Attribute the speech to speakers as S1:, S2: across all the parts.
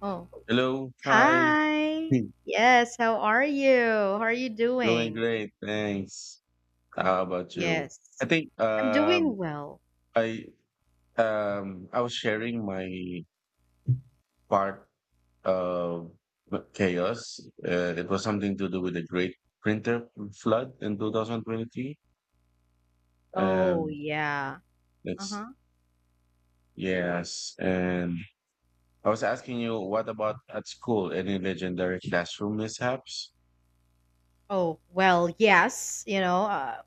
S1: Oh,
S2: Hello, hi.
S1: hi.
S2: Hmm.
S1: Yes, how are you? How are you
S2: Doing
S1: doing?
S2: great, thanks. How about you? I
S1: Yes,
S2: think
S1: I'm
S2: um
S1: doing well.
S2: I I was sharing my part of chaos. It was something to do with the great printer flood in 2023.
S1: Oh,
S2: Um,
S1: yeah.
S2: that's
S1: Uh-huh.
S2: Yes. And I was asking you, what about at school? Any legendary classroom mishaps?
S1: Oh, well, yes, you know,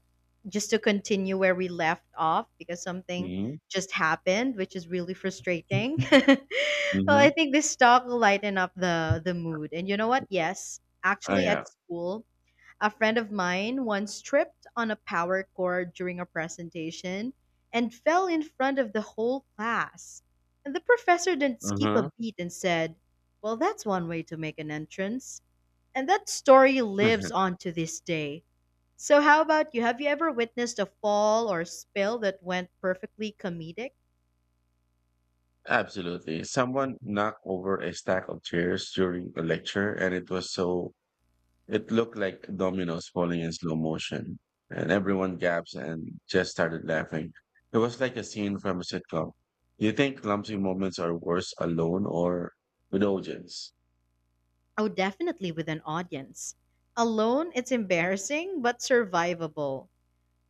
S1: just to continue where we left off because something
S2: Mm-hmm.
S1: just happened, which is really frustrating. Well, I
S2: Mm-hmm.
S1: think this talk will lighten up the mood. And you know what? Yes,
S2: Oh
S1: actually
S2: yeah.
S1: at school, a friend of mine once tripped on a power chord during a presentation and fell in front of the whole class. And the professor didn't skip a
S2: Uh-huh.
S1: beat and said, well, that's one way to make an entrance. And that story lives on to this day. So, how about you? Have you ever witnessed a fall or spill that went perfectly comedic?
S2: Absolutely. Someone knocked over a stack of chairs during a lecture, and it was so, it looked like dominoes falling in slow motion. And everyone gasped and just started laughing. It was like a scene from a sitcom. Do you think clumsy moments are worse alone or with audience?
S1: Oh, definitely with an audience. Alone, it's embarrassing but survivable.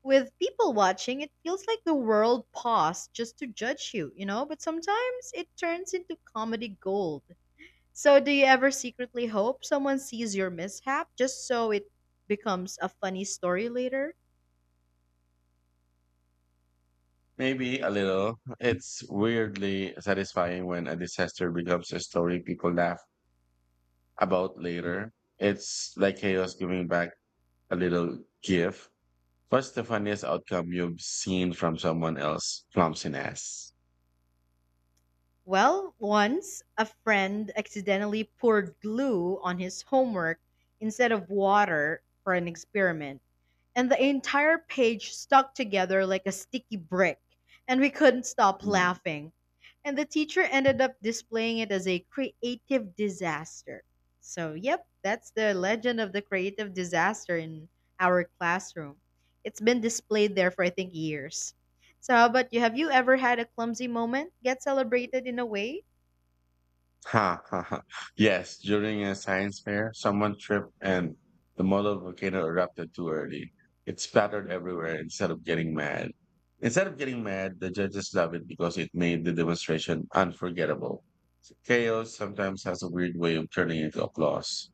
S1: With people watching, it feels like the world paused just to judge you, you know? But sometimes it turns into comedy gold. So, do you ever secretly hope someone sees your mishap just so it becomes a funny story later?
S2: Maybe a little. It's weirdly satisfying when a disaster becomes a story people laugh about later. It's like chaos giving back a little gift. What's the funniest outcome you've seen from someone else clumsiness?
S1: Well, once a friend accidentally poured glue on his homework instead of water for an experiment, and the entire page stuck together like a sticky brick, and we couldn't stop
S2: Mm.
S1: laughing. And the teacher ended up displaying it as a creative disaster. So, yep, that's the legend of the creative disaster in our classroom. It's been displayed there for, I think, years. So, how about you? Have you ever had a clumsy moment get celebrated in a way?
S2: Ha ha ha. Yes, during a science fair, someone tripped and the model volcano erupted too early. It splattered everywhere Instead of getting mad, the judges loved it because it made the demonstration unforgettable. Chaos sometimes has a weird way of turning into applause.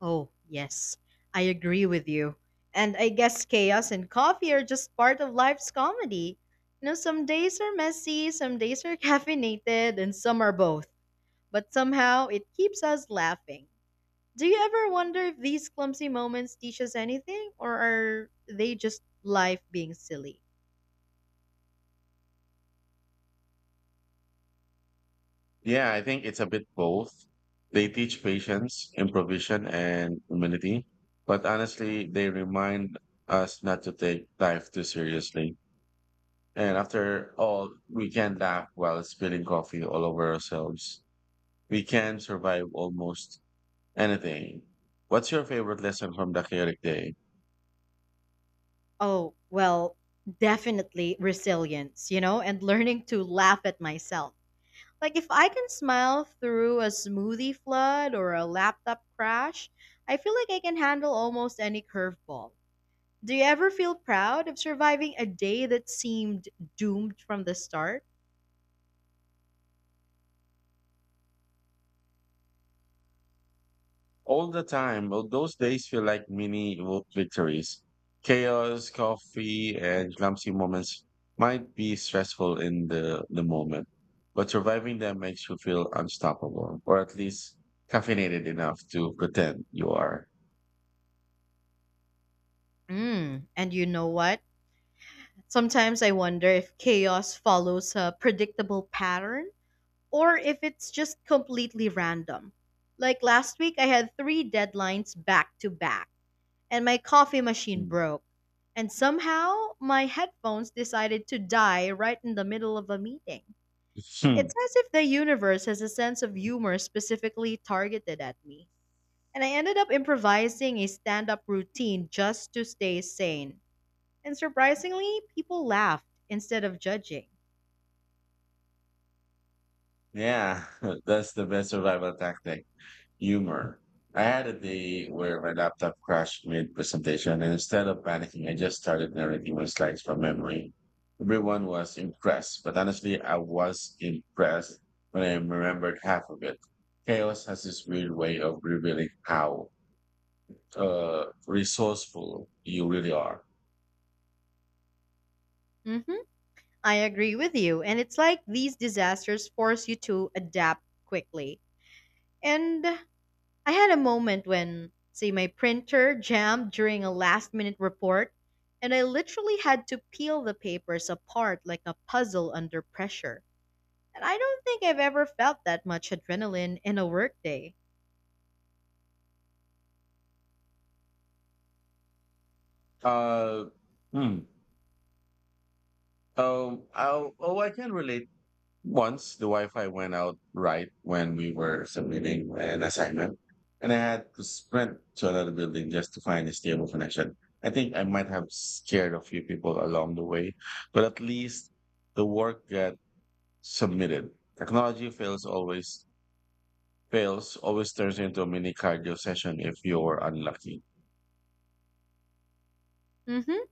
S1: Oh, yes, I agree with you. And I guess chaos and coffee are just part of life's comedy. You know, some days are messy, some days are caffeinated, and some are both. But somehow it keeps us laughing. Do you ever wonder if these clumsy moments teach us anything, or are they just life being silly?
S2: Yeah, I think it's a bit both. They teach patience, improvisation, and humility, but honestly, they remind us not to take life too seriously. And after all, we can laugh while spilling coffee all over ourselves. We can survive almost anything. What's your favorite lesson from the chaotic day?
S1: Oh, well, definitely resilience, you know, and learning to laugh at myself. Like if I can smile through a smoothie flood or a laptop crash, I feel like I can handle almost any curveball. Do you ever feel proud of surviving a day that seemed doomed from the start?
S2: All the time. Well, those days feel like mini vo- victories. Chaos, coffee, and clumsy moments might be stressful in the moment, but surviving them makes you feel unstoppable, or at least caffeinated enough to pretend you are.
S1: Mm, and you know what? Sometimes I wonder if chaos follows a predictable pattern or if it's just completely random. Like last week, I had three deadlines back to back and my coffee machine
S2: Hmm.
S1: broke. And somehow, my headphones decided to die right in the middle of a meeting.
S2: Hmm.
S1: It's as if the universe has a sense of humor specifically targeted at me. And I ended up improvising a stand up routine just to stay sane. And surprisingly, people laughed instead of judging.
S2: Yeah, that's the best survival tactic. Humor. I had a day where my laptop crashed mid-presentation, and instead of panicking, I just started narrating my slides from memory. Everyone was impressed, but honestly, I was impressed when I remembered half of it. Chaos has this weird way of revealing how resourceful you really are.
S1: Hmm, I agree with you. And it's like these disasters force you to adapt quickly. And I had a moment when, say, my printer jammed during a last minute report, and I literally had to peel the papers apart like a puzzle under pressure. And I don't think I've ever felt that much adrenaline in a workday.
S2: Uh, hmm. I can relate. Once the Wi-Fi went out right when we were submitting an assignment, and I had to sprint to another building just to find a stable connection. I think I might have scared a few people along the way, but at least the work got submitted. Technology fails always Fails always turns into a mini cardio session if you're unlucky.
S1: Mm-hmm.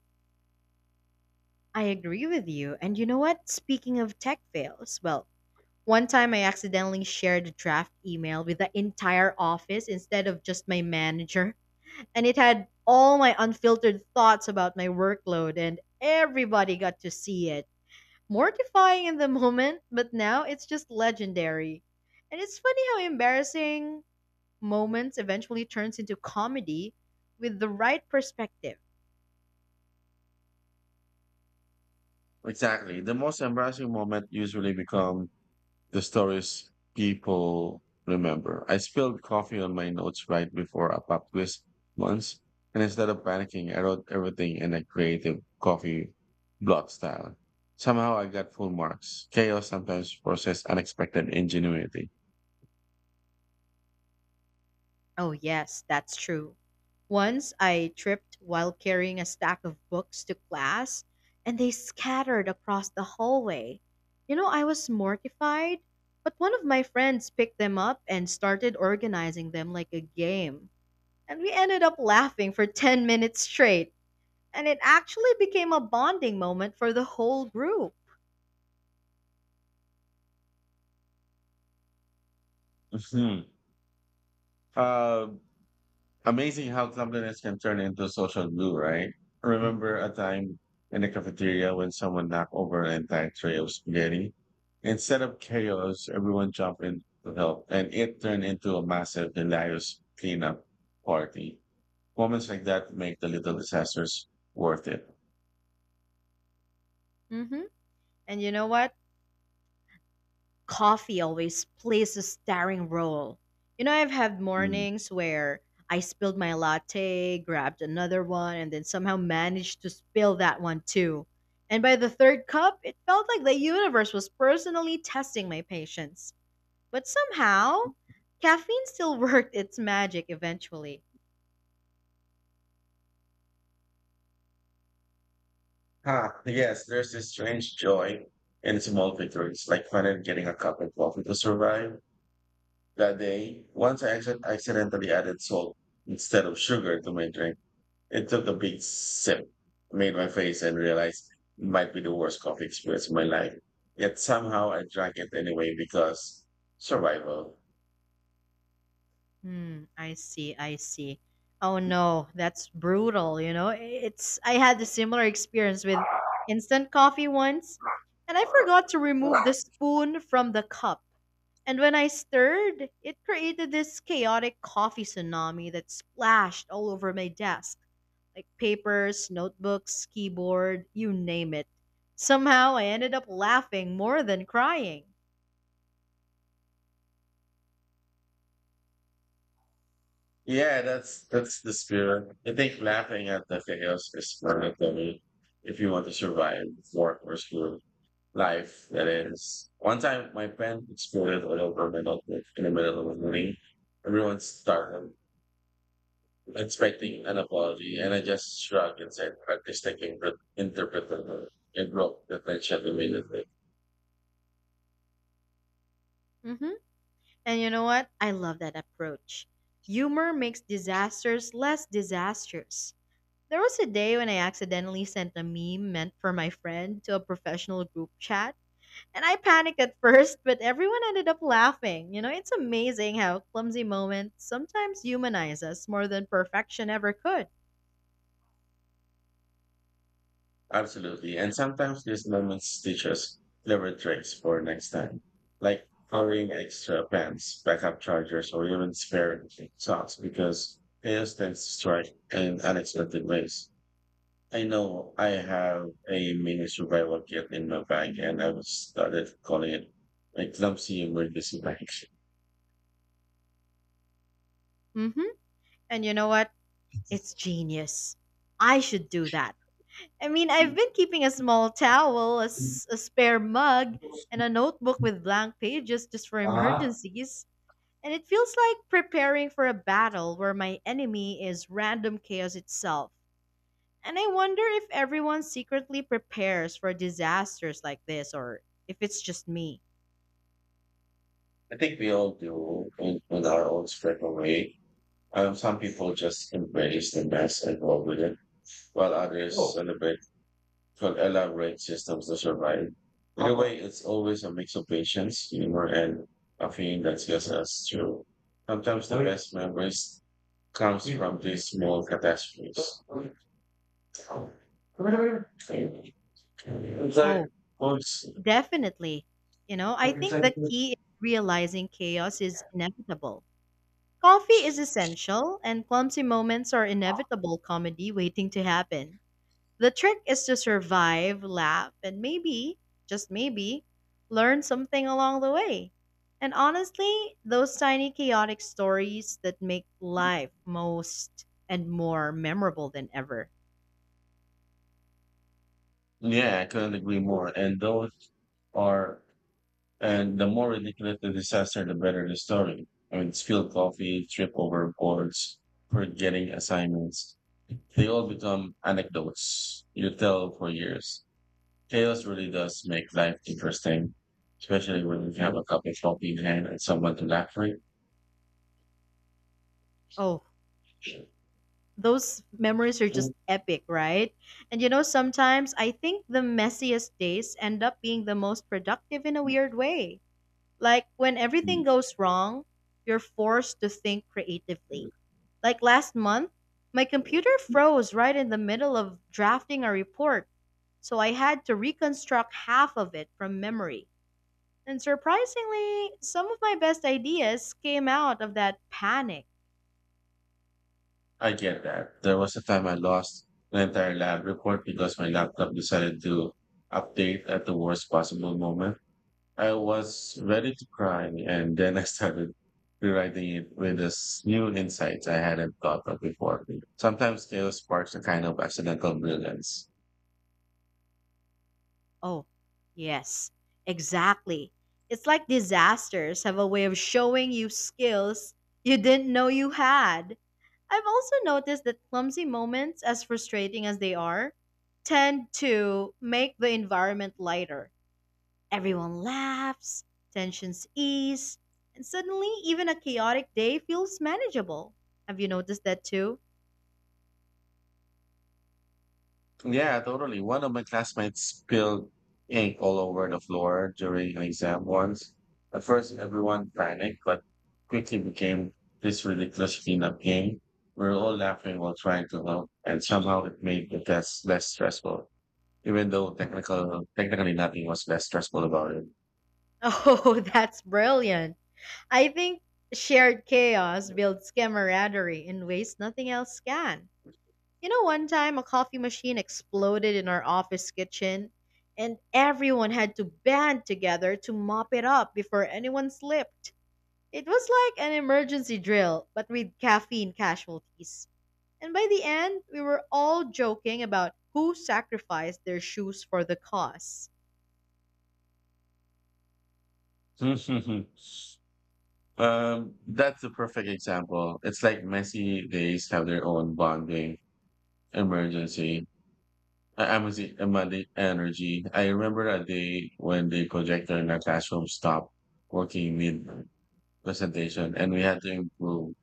S1: I agree with you. And you know what? Speaking of tech fails, well, one time I accidentally shared a draft email with the entire office instead of just my manager. And it had all my unfiltered thoughts about my workload, and everybody got to see it. Mortifying in the moment, but now it's just legendary. And it's funny how embarrassing moments eventually turns into comedy with the right perspective.
S2: Exactly. The most embarrassing moment usually becomes the stories people remember. I spilled coffee on my notes right before a pub quiz once, and instead of panicking, I wrote everything in a creative coffee blog style. Somehow I got full marks. Chaos sometimes forces unexpected ingenuity.
S1: Oh, yes, that's true. Once I tripped while carrying a stack of books to class, and they scattered across the hallway. You know, I was mortified, but one of my friends picked them up and started organizing them like a game. And we ended up laughing for 10 minutes straight, and it actually became a bonding moment for the whole group.
S2: Mhm. Uh, Amazing how compliments can turn into social glue, right? I Remember a time in the cafeteria when someone knocked over an entire tray of spaghetti? Instead of chaos, everyone jumped in to help, and it turned into a massive, hilarious cleanup party. Moments like that make the little disasters worth it.
S1: Hmm. And you know what? Coffee always plays a starring role. You know, I've had
S2: Mm.
S1: mornings where I spilled my latte, grabbed another one, and then somehow managed to spill that one too. And by the third cup, it felt like the universe was personally testing my patience. But somehow, caffeine still worked its magic eventually.
S2: Ah, yes, there's this strange joy in small victories, like finally getting a cup of coffee to survive that day. Once I accidentally added salt instead of sugar to my drink, it took a big sip, made my face, and realized it might be the worst coffee experience of my life. Yet somehow I drank it anyway because survival.
S1: Hmm, I see, I see. Oh no, that's brutal, you know? It's I had a similar experience with instant coffee once, and I forgot to remove the spoon from the cup. And when I stirred, it created this chaotic coffee tsunami that splashed all over my desk, like papers, notebooks, keyboard, you name it. Somehow I ended up laughing more than crying.
S2: Yeah, that's the spirit. I think laughing at the chaos is mandatory if you want to survive work or school life. That is. One time, my pen exploded all over my notebook in the middle of the morning. Everyone started expecting an apology, and I just shrugged and said, "Artistic interpretation." It broke the tension immediately.
S1: Mhm. And you know what? I love that approach. Humor makes disasters less disastrous. There was a day when I accidentally sent a meme meant for my friend to a professional group chat, and I panicked at first, but everyone ended up laughing. You know, it's amazing how clumsy moments sometimes humanize us more than perfection ever could.
S2: Absolutely. And sometimes these moments teach us clever tricks for next time, like coloring extra pens, backup chargers, or even spare socks because chaos tends to strike in unexpected ways. I know I have a mini survival kit in my bag, and I've started calling it my clumsy emergency bag.
S1: Mm-hmm. And you know what? It's genius. I should do that. I mean, I've been keeping a small towel, a spare mug, and a notebook with blank pages just for
S2: Uh,
S1: emergencies. And it feels like preparing for a battle where my enemy is random chaos itself. And I wonder if everyone secretly prepares for disasters like this or if it's just me.
S2: I think we all do in our own special away. Some people just embrace the mess and roll with it, while others Oh, celebrate could elaborate systems to survive. In a way, it's always a mix of patience, humor, and a feeling that gets us through. Sometimes the best memories comes from these small catastrophes. It's like,
S1: Oh,
S2: well, it's-
S1: definitely. You know, I think the key is realizing chaos is inevitable. Coffee is essential, and clumsy moments are inevitable comedy waiting to happen. The trick is to survive, laugh, and maybe, just maybe, learn something along the way. And honestly, those tiny chaotic stories that make life most and more memorable than ever.
S2: Yeah, I couldn't agree more. And those are And the more ridiculous the disaster, the better the story. I mean, spilled coffee, trip over boards, forgetting assignments. They all become anecdotes you tell for years. Chaos really does make life interesting, especially when you have a cup of coffee in hand and someone to laugh with.
S1: Oh, those memories are just epic, right? And you know, sometimes I think the messiest days end up being the most productive in a weird way. Like when everything
S2: Mm.
S1: goes wrong, you're forced to think creatively. Like last month, my computer froze right in the middle of drafting a report, so I had to reconstruct half of it from memory. And surprisingly, some of my best ideas came out of that panic.
S2: I get that. There was a time I lost an entire lab report because my laptop decided to update at the worst possible moment. I was ready to cry, and then I started rewriting it with this new insights I hadn't thought of before. Sometimes chaos sparks a kind of accidental brilliance.
S1: Oh, yes, exactly. It's like disasters have a way of showing you skills you didn't know you had. I've also noticed that clumsy moments, as frustrating as they are, tend to make the environment lighter. Everyone laughs, tensions ease, and suddenly even a chaotic day feels manageable. Have you noticed that too?
S2: Yeah, totally. One of my classmates spilled ink all over the floor during an exam once. At first, everyone panicked, but quickly became this ridiculous cleanup game. We were all laughing while trying to help, and somehow it made the test less stressful, even though technically nothing was less stressful about it.
S1: Oh, that's brilliant. I think shared chaos builds camaraderie in ways nothing else can. You know, one time a coffee machine exploded in our office kitchen, and everyone had to band together to mop it up before anyone slipped. It was like an emergency drill, but with caffeine casualties. And by the end, we were all joking about who sacrificed their shoes for the cause.
S2: That's a perfect example. It's like messy days have their own bonding emergency. I- I'm a Z- I'm a The energy. I remember a day when the projector in our classroom stopped working mid presentation and we had to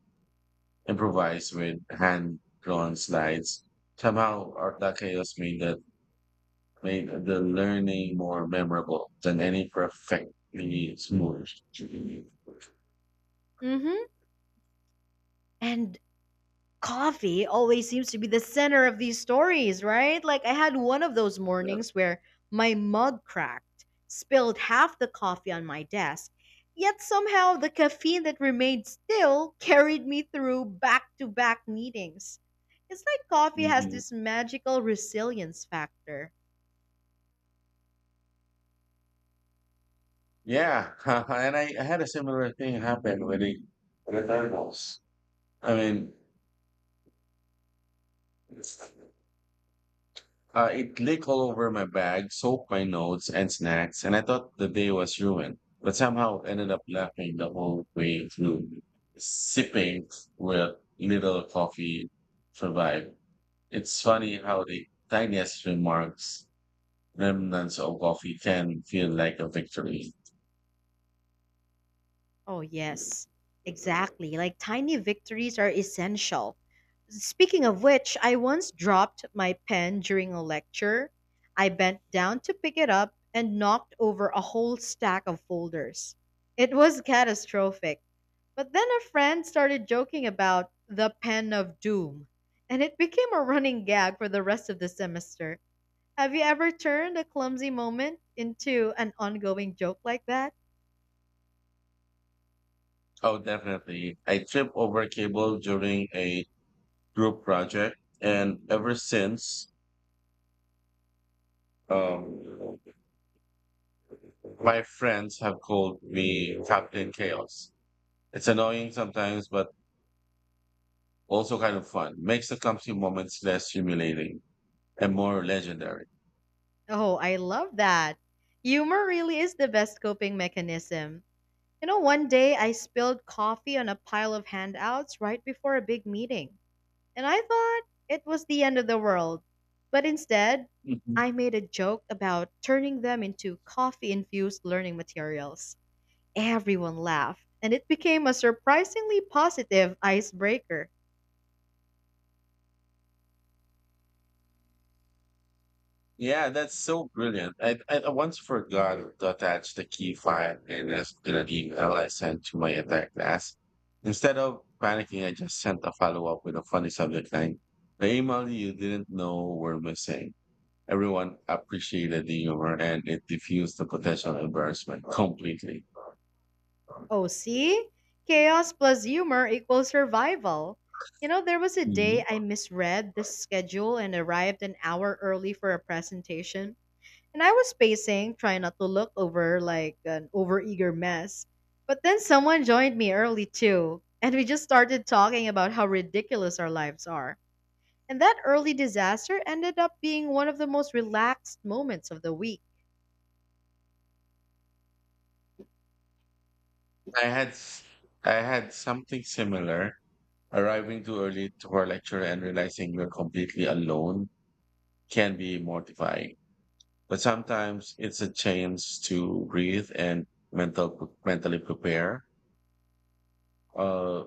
S2: improvise with hand drawn slides. Somehow our that chaos made that Made the learning more memorable than any perfectly smooth. Yeah.
S1: Mm-hmm. And coffee always seems to be the center of these stories, right? Like I had one of those mornings where my mug cracked, spilled half the coffee on my desk, yet somehow the caffeine that remained still carried me through back to back meetings. It's like coffee has
S2: Mhm.
S1: this magical resilience factor.
S2: Yeah, and I had a similar thing happen with the thermals. I mean, it leaked all over my bag, soaked my notes and snacks, and I thought the day was ruined, but somehow ended up laughing the whole way through, sipping with little coffee survived. It's funny how remnants of coffee, can feel like a victory.
S1: Oh, yes, exactly. Like tiny victories are essential. Speaking of which, I once dropped my pen during a lecture. I bent down to pick it up and knocked over a whole stack of folders. It was catastrophic. But then a friend started joking about the pen of doom, and it became a running gag for the rest of the semester. Have you ever turned a clumsy moment into an ongoing joke like that?
S2: Oh, definitely. I tripped over cable during a group project, and ever since, um, my friends have called me Captain Chaos. It's annoying sometimes, but also kind of fun. Makes the clumsy moments less humiliating and more legendary.
S1: Oh, I love that. Humor really is the best coping mechanism. You know, one day I spilled coffee on a pile of handouts right before a big meeting, and I thought it was the end of the world. But instead,
S2: Mhm.
S1: I made a joke about turning them into coffee infused learning materials. Everyone laughed, and it became a surprisingly positive icebreaker.
S2: Yeah, that's so brilliant. I once forgot to attach the key file in an email I sent to my entire class. Instead of panicking, I just sent a follow up with a funny subject line. The email you didn't know were missing. Everyone appreciated the humor and it diffused the potential embarrassment completely.
S1: Oh, see? Chaos plus humor equals survival. You know, there was a day
S2: Mhm.
S1: I misread the schedule and arrived an hour early for a presentation. And I was pacing, trying not to look over like an overeager mess. But then someone joined me early too. And we just started talking about how ridiculous our lives are. And that early disaster ended up being one of the most relaxed moments of the week.
S2: I had s- I had something similar. Arriving too early to our lecture and realizing you're completely alone can be mortifying. But sometimes it's a chance to breathe and mentally prepare, uh,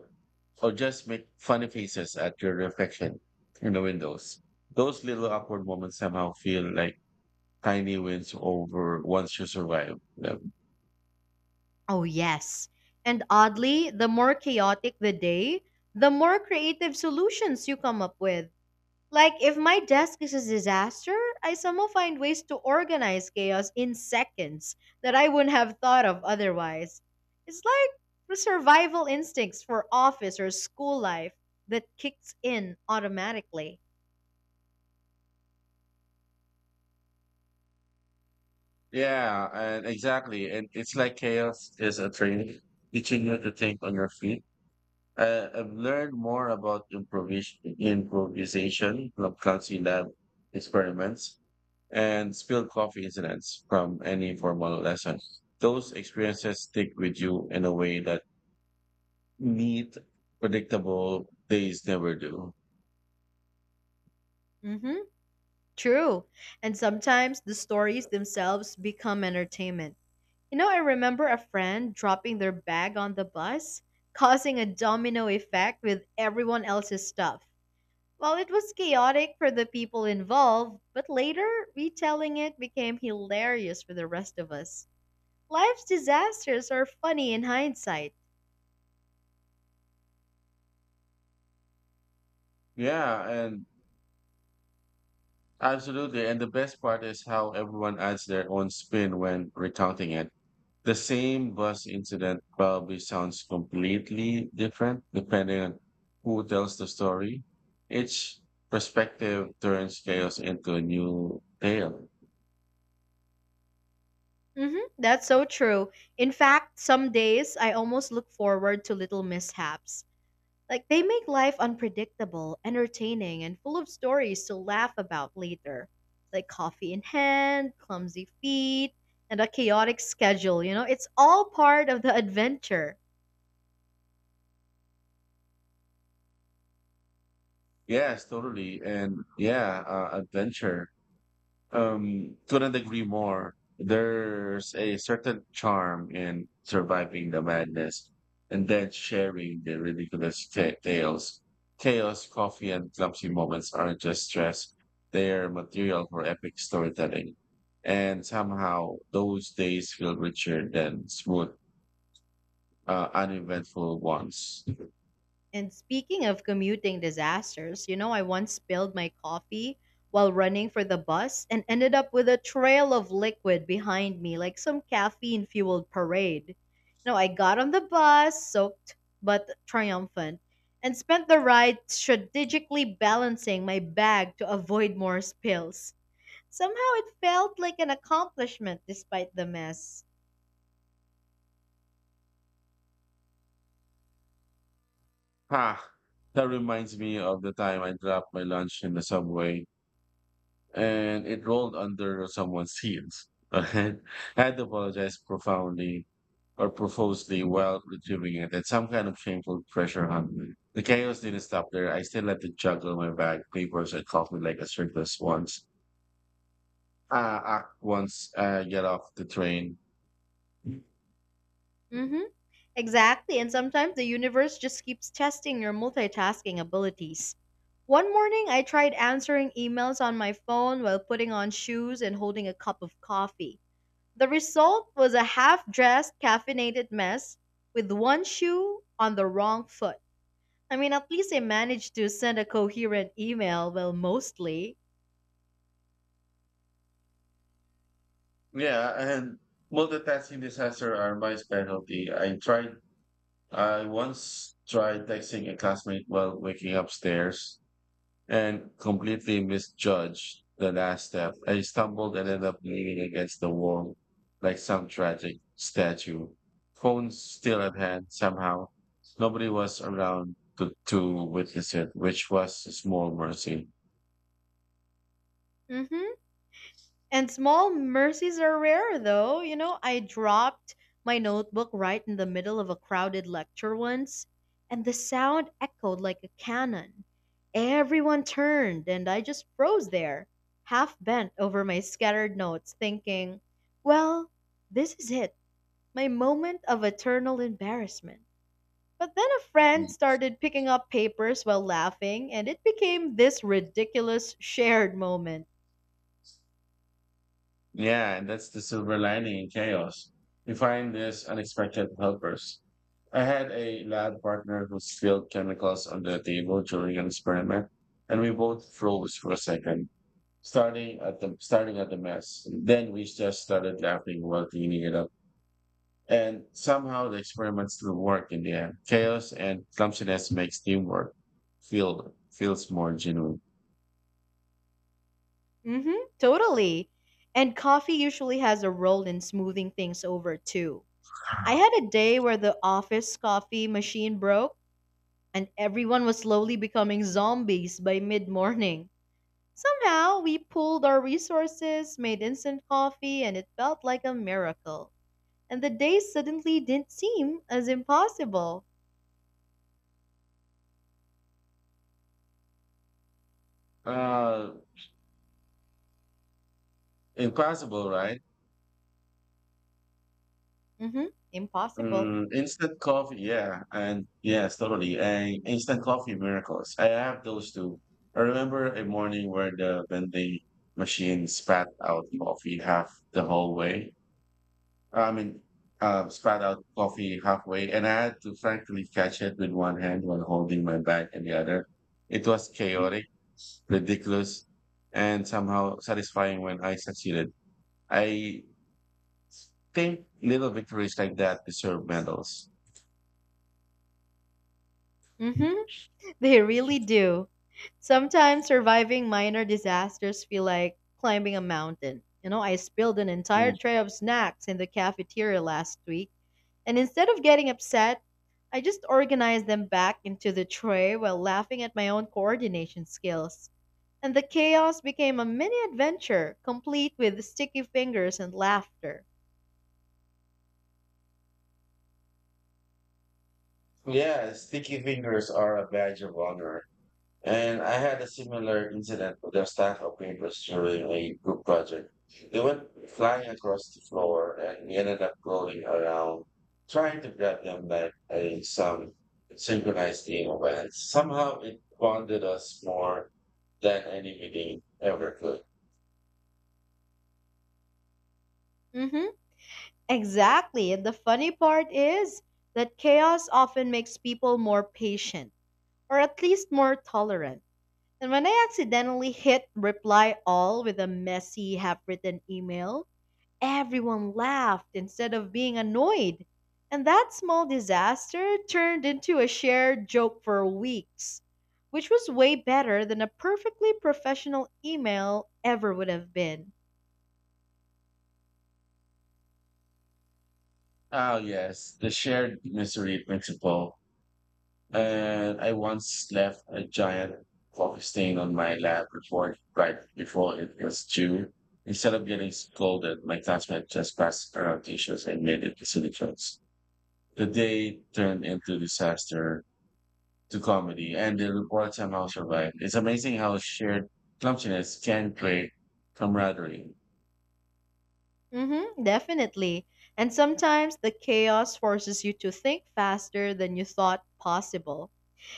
S2: or just make funny faces at your reflection in the windows. Those little awkward moments somehow feel like tiny wins over once you survive them.
S1: Oh, yes. And oddly, the more chaotic the day, the more creative solutions you come up with. Like, if my desk is a disaster, I somehow find ways to organize chaos in seconds that I wouldn't have thought of otherwise. It's like the survival instincts for office or school life that kicks in automatically.
S2: Yeah, and exactly. And it's like chaos is a training, teaching you to think on your feet. I've learned more about improvisation from Clancy Lab experiments and spilled coffee incidents from any formal lesson. Those experiences stick with you in a way that neat, predictable days never do.
S1: Mm hmm. True. And sometimes the stories themselves become entertainment. You know, I remember a friend dropping their bag on the bus, causing a domino effect with everyone else's stuff. While it was chaotic for the people involved, but later retelling it became hilarious for the rest of us. Life's disasters are funny in hindsight.
S2: Yeah, and absolutely. And the best part is how everyone adds their own spin when recounting it. The same bus incident probably sounds completely different depending on who tells the story. Each perspective turns chaos into a new tale.
S1: Hmm, that's so true. In fact, some days I almost look forward to little mishaps. Like they make life unpredictable, entertaining, and full of stories to laugh about later. Like coffee in hand, clumsy feet, and a chaotic schedule, you know? It's all part of the adventure.
S2: Yes, totally. And yeah, adventure. Couldn't agree more. There's a certain charm in surviving the madness and then sharing the ridiculous tales. Chaos, coffee, and clumsy moments aren't just stress, they're material for epic storytelling. And somehow those days feel richer than smooth, uneventful ones.
S1: And speaking of commuting disasters, you know, I once spilled my coffee while running for the bus and ended up with a trail of liquid behind me, like some caffeine fueled parade. No, I got on the bus, soaked but triumphant, and spent the ride strategically balancing my bag to avoid more spills. Somehow it felt like an accomplishment despite the mess.
S2: Ha! That reminds me of the time I dropped my lunch in the subway and it rolled under someone's heels. I had to apologize profoundly or profusely while retrieving it, and some kind of shameful pressure on me. The chaos didn't stop there. I still had to juggle my bag, papers, and coffee like a circus once. Act once I get off the train. Yeah,
S1: Mm hmm. Exactly, and sometimes the universe just keeps testing your multitasking abilities. One morning, I tried answering emails on my phone while putting on shoes and holding a cup of coffee. The result was a half dressed, caffeinated mess with one shoe on the wrong foot. I mean, at least I managed to send a coherent email, well, mostly.
S2: and multitasking disaster are my specialty. I once tried texting a classmate while waking upstairs and completely misjudged the last step. I stumbled and ended up leaning against the wall like some tragic statue. Phone still at hand somehow. Nobody was around to witness it, which was a small mercy.
S1: Mm hmm. And small mercies are rare, though. You know, I dropped my notebook right in the middle of a crowded lecture once, and the sound echoed like a cannon. Everyone turned, and I just froze there, half bent over my scattered notes, thinking, well, this is it, my moment of eternal embarrassment. But then a friend started picking up papers while laughing, and it became this ridiculous shared moment.
S2: Yeah, and that's the silver lining in chaos. You find these unexpected helpers. I had a lab partner who spilled chemicals on the table during an experiment, and we both froze for a second, starting at the mess. Then we just started laughing while cleaning it up. And somehow the experiment still worked in the end. Chaos and clumsiness makes teamwork feels more genuine.
S1: Mm-hmm, totally. And coffee usually has a role in smoothing things over too. I had a day where the office coffee machine broke, and everyone was slowly becoming zombies by mid morning. Somehow, we pooled our resources, made instant coffee, and it felt like a miracle. And the day suddenly didn't seem as impossible.
S2: Uh, Impossible, right?
S1: Mm hmm, impossible.
S2: Mm, instant coffee, yeah, and yes, totally. And instant coffee miracles. I have those too. I remember a morning where the vending machine spat out coffee half the whole way. Uh, I mean, Spat out coffee halfway, and I had to frankly catch it with one hand while holding my bag in the other. It was chaotic, ridiculous, and somehow satisfying when I succeeded. I think little victories like that deserve medals.
S1: Mm hmm. They really do. Sometimes surviving minor disasters feel like climbing a mountain. You know, I spilled an entire
S2: Mm.
S1: tray of snacks in the cafeteria last week, and instead of getting upset, I just organized them back into the tray while laughing at my own coordination skills. And the chaos became a mini adventure, complete with sticky fingers and laughter.
S2: Yeah, sticky fingers are a badge of honor. And I had a similar incident with a staff of papers during a group project. They went flying across the floor and we ended up rolling around, trying to grab them like a some synchronized team of ants. Somehow it bonded us more than any meeting ever could.
S1: Mhm. Exactly. And the funny part is that chaos often makes people more patient or at least more tolerant. And when I accidentally hit reply all with a messy, half written email, everyone laughed instead of being annoyed. And that small disaster turned into a shared joke for weeks, which was way better than a perfectly professional email ever would have been.
S2: Oh yes, the shared misery principle. And I once left a giant coffee stain on my lab report right before it was due. Instead of getting scolded, my classmate just passed around tissues and made it silly jokes. The day turned into disaster to comedy, and the report somehow survived. It's amazing how shared clumsiness can create camaraderie.
S1: Hmm, definitely. And sometimes the chaos forces you to think faster than you thought possible.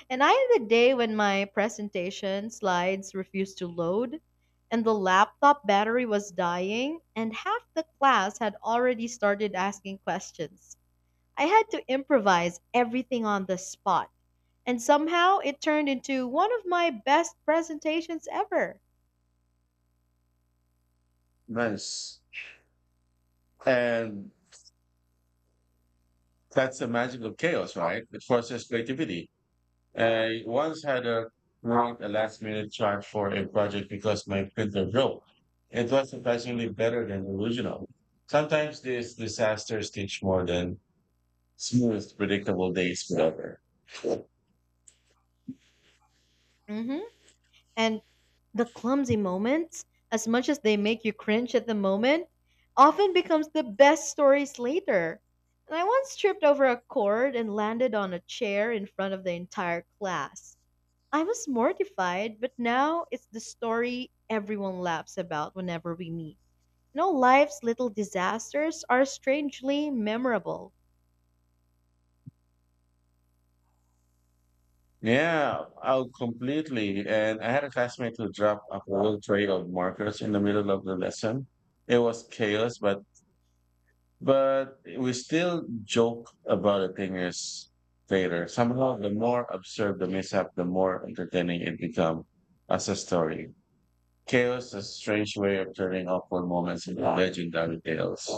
S1: And I had a day when my presentation slides refused to load, and the laptop battery was dying, and half the class had already started asking questions. I had to improvise everything on the spot, and somehow it turned into one of my best presentations ever.
S2: Nice. And that's the magic of chaos, right? It forces creativity. I once had a write a last minute chart for a project because my printer broke. It was surprisingly better than the original. Sometimes these disasters teach more than smooth, predictable days forever.
S1: Hmm. And the clumsy moments, as much as they make you cringe at the moment, often becomes the best stories later. And I once tripped over a cord and landed on a chair in front of the entire class. I was mortified, but now it's the story everyone laughs about whenever we meet. You know, life's little disasters are strangely memorable.
S2: Yeah, oh, completely. And I had a classmate who dropped a whole tray of markers in the middle of the lesson. It was chaos, but we still joke about it 10 years later. Somehow, the more absurd the mishap, the more entertaining it becomes as a story. Chaos is a strange way of turning awful moments into legendary tales.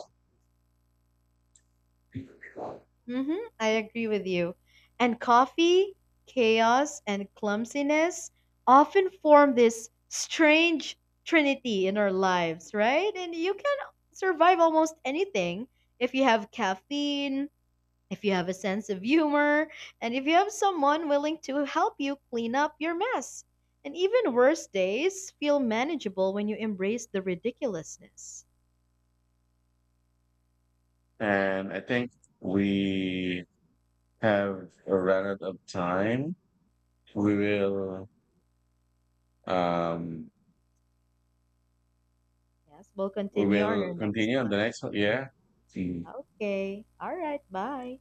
S1: Hmm, I agree with you. And coffee, chaos, and clumsiness often form this strange trinity in our lives, right? And you can survive almost anything if you have caffeine, if you have a sense of humor, and if you have someone willing to help you clean up your mess. And even worse days feel manageable when you embrace the ridiculousness.
S2: And I think we have run out of time. We will um
S1: Yes, we'll
S2: we
S1: continue on our
S2: will
S1: next
S2: continue on
S1: one.
S2: the next one. Yeah.
S1: Okay. All right. Bye.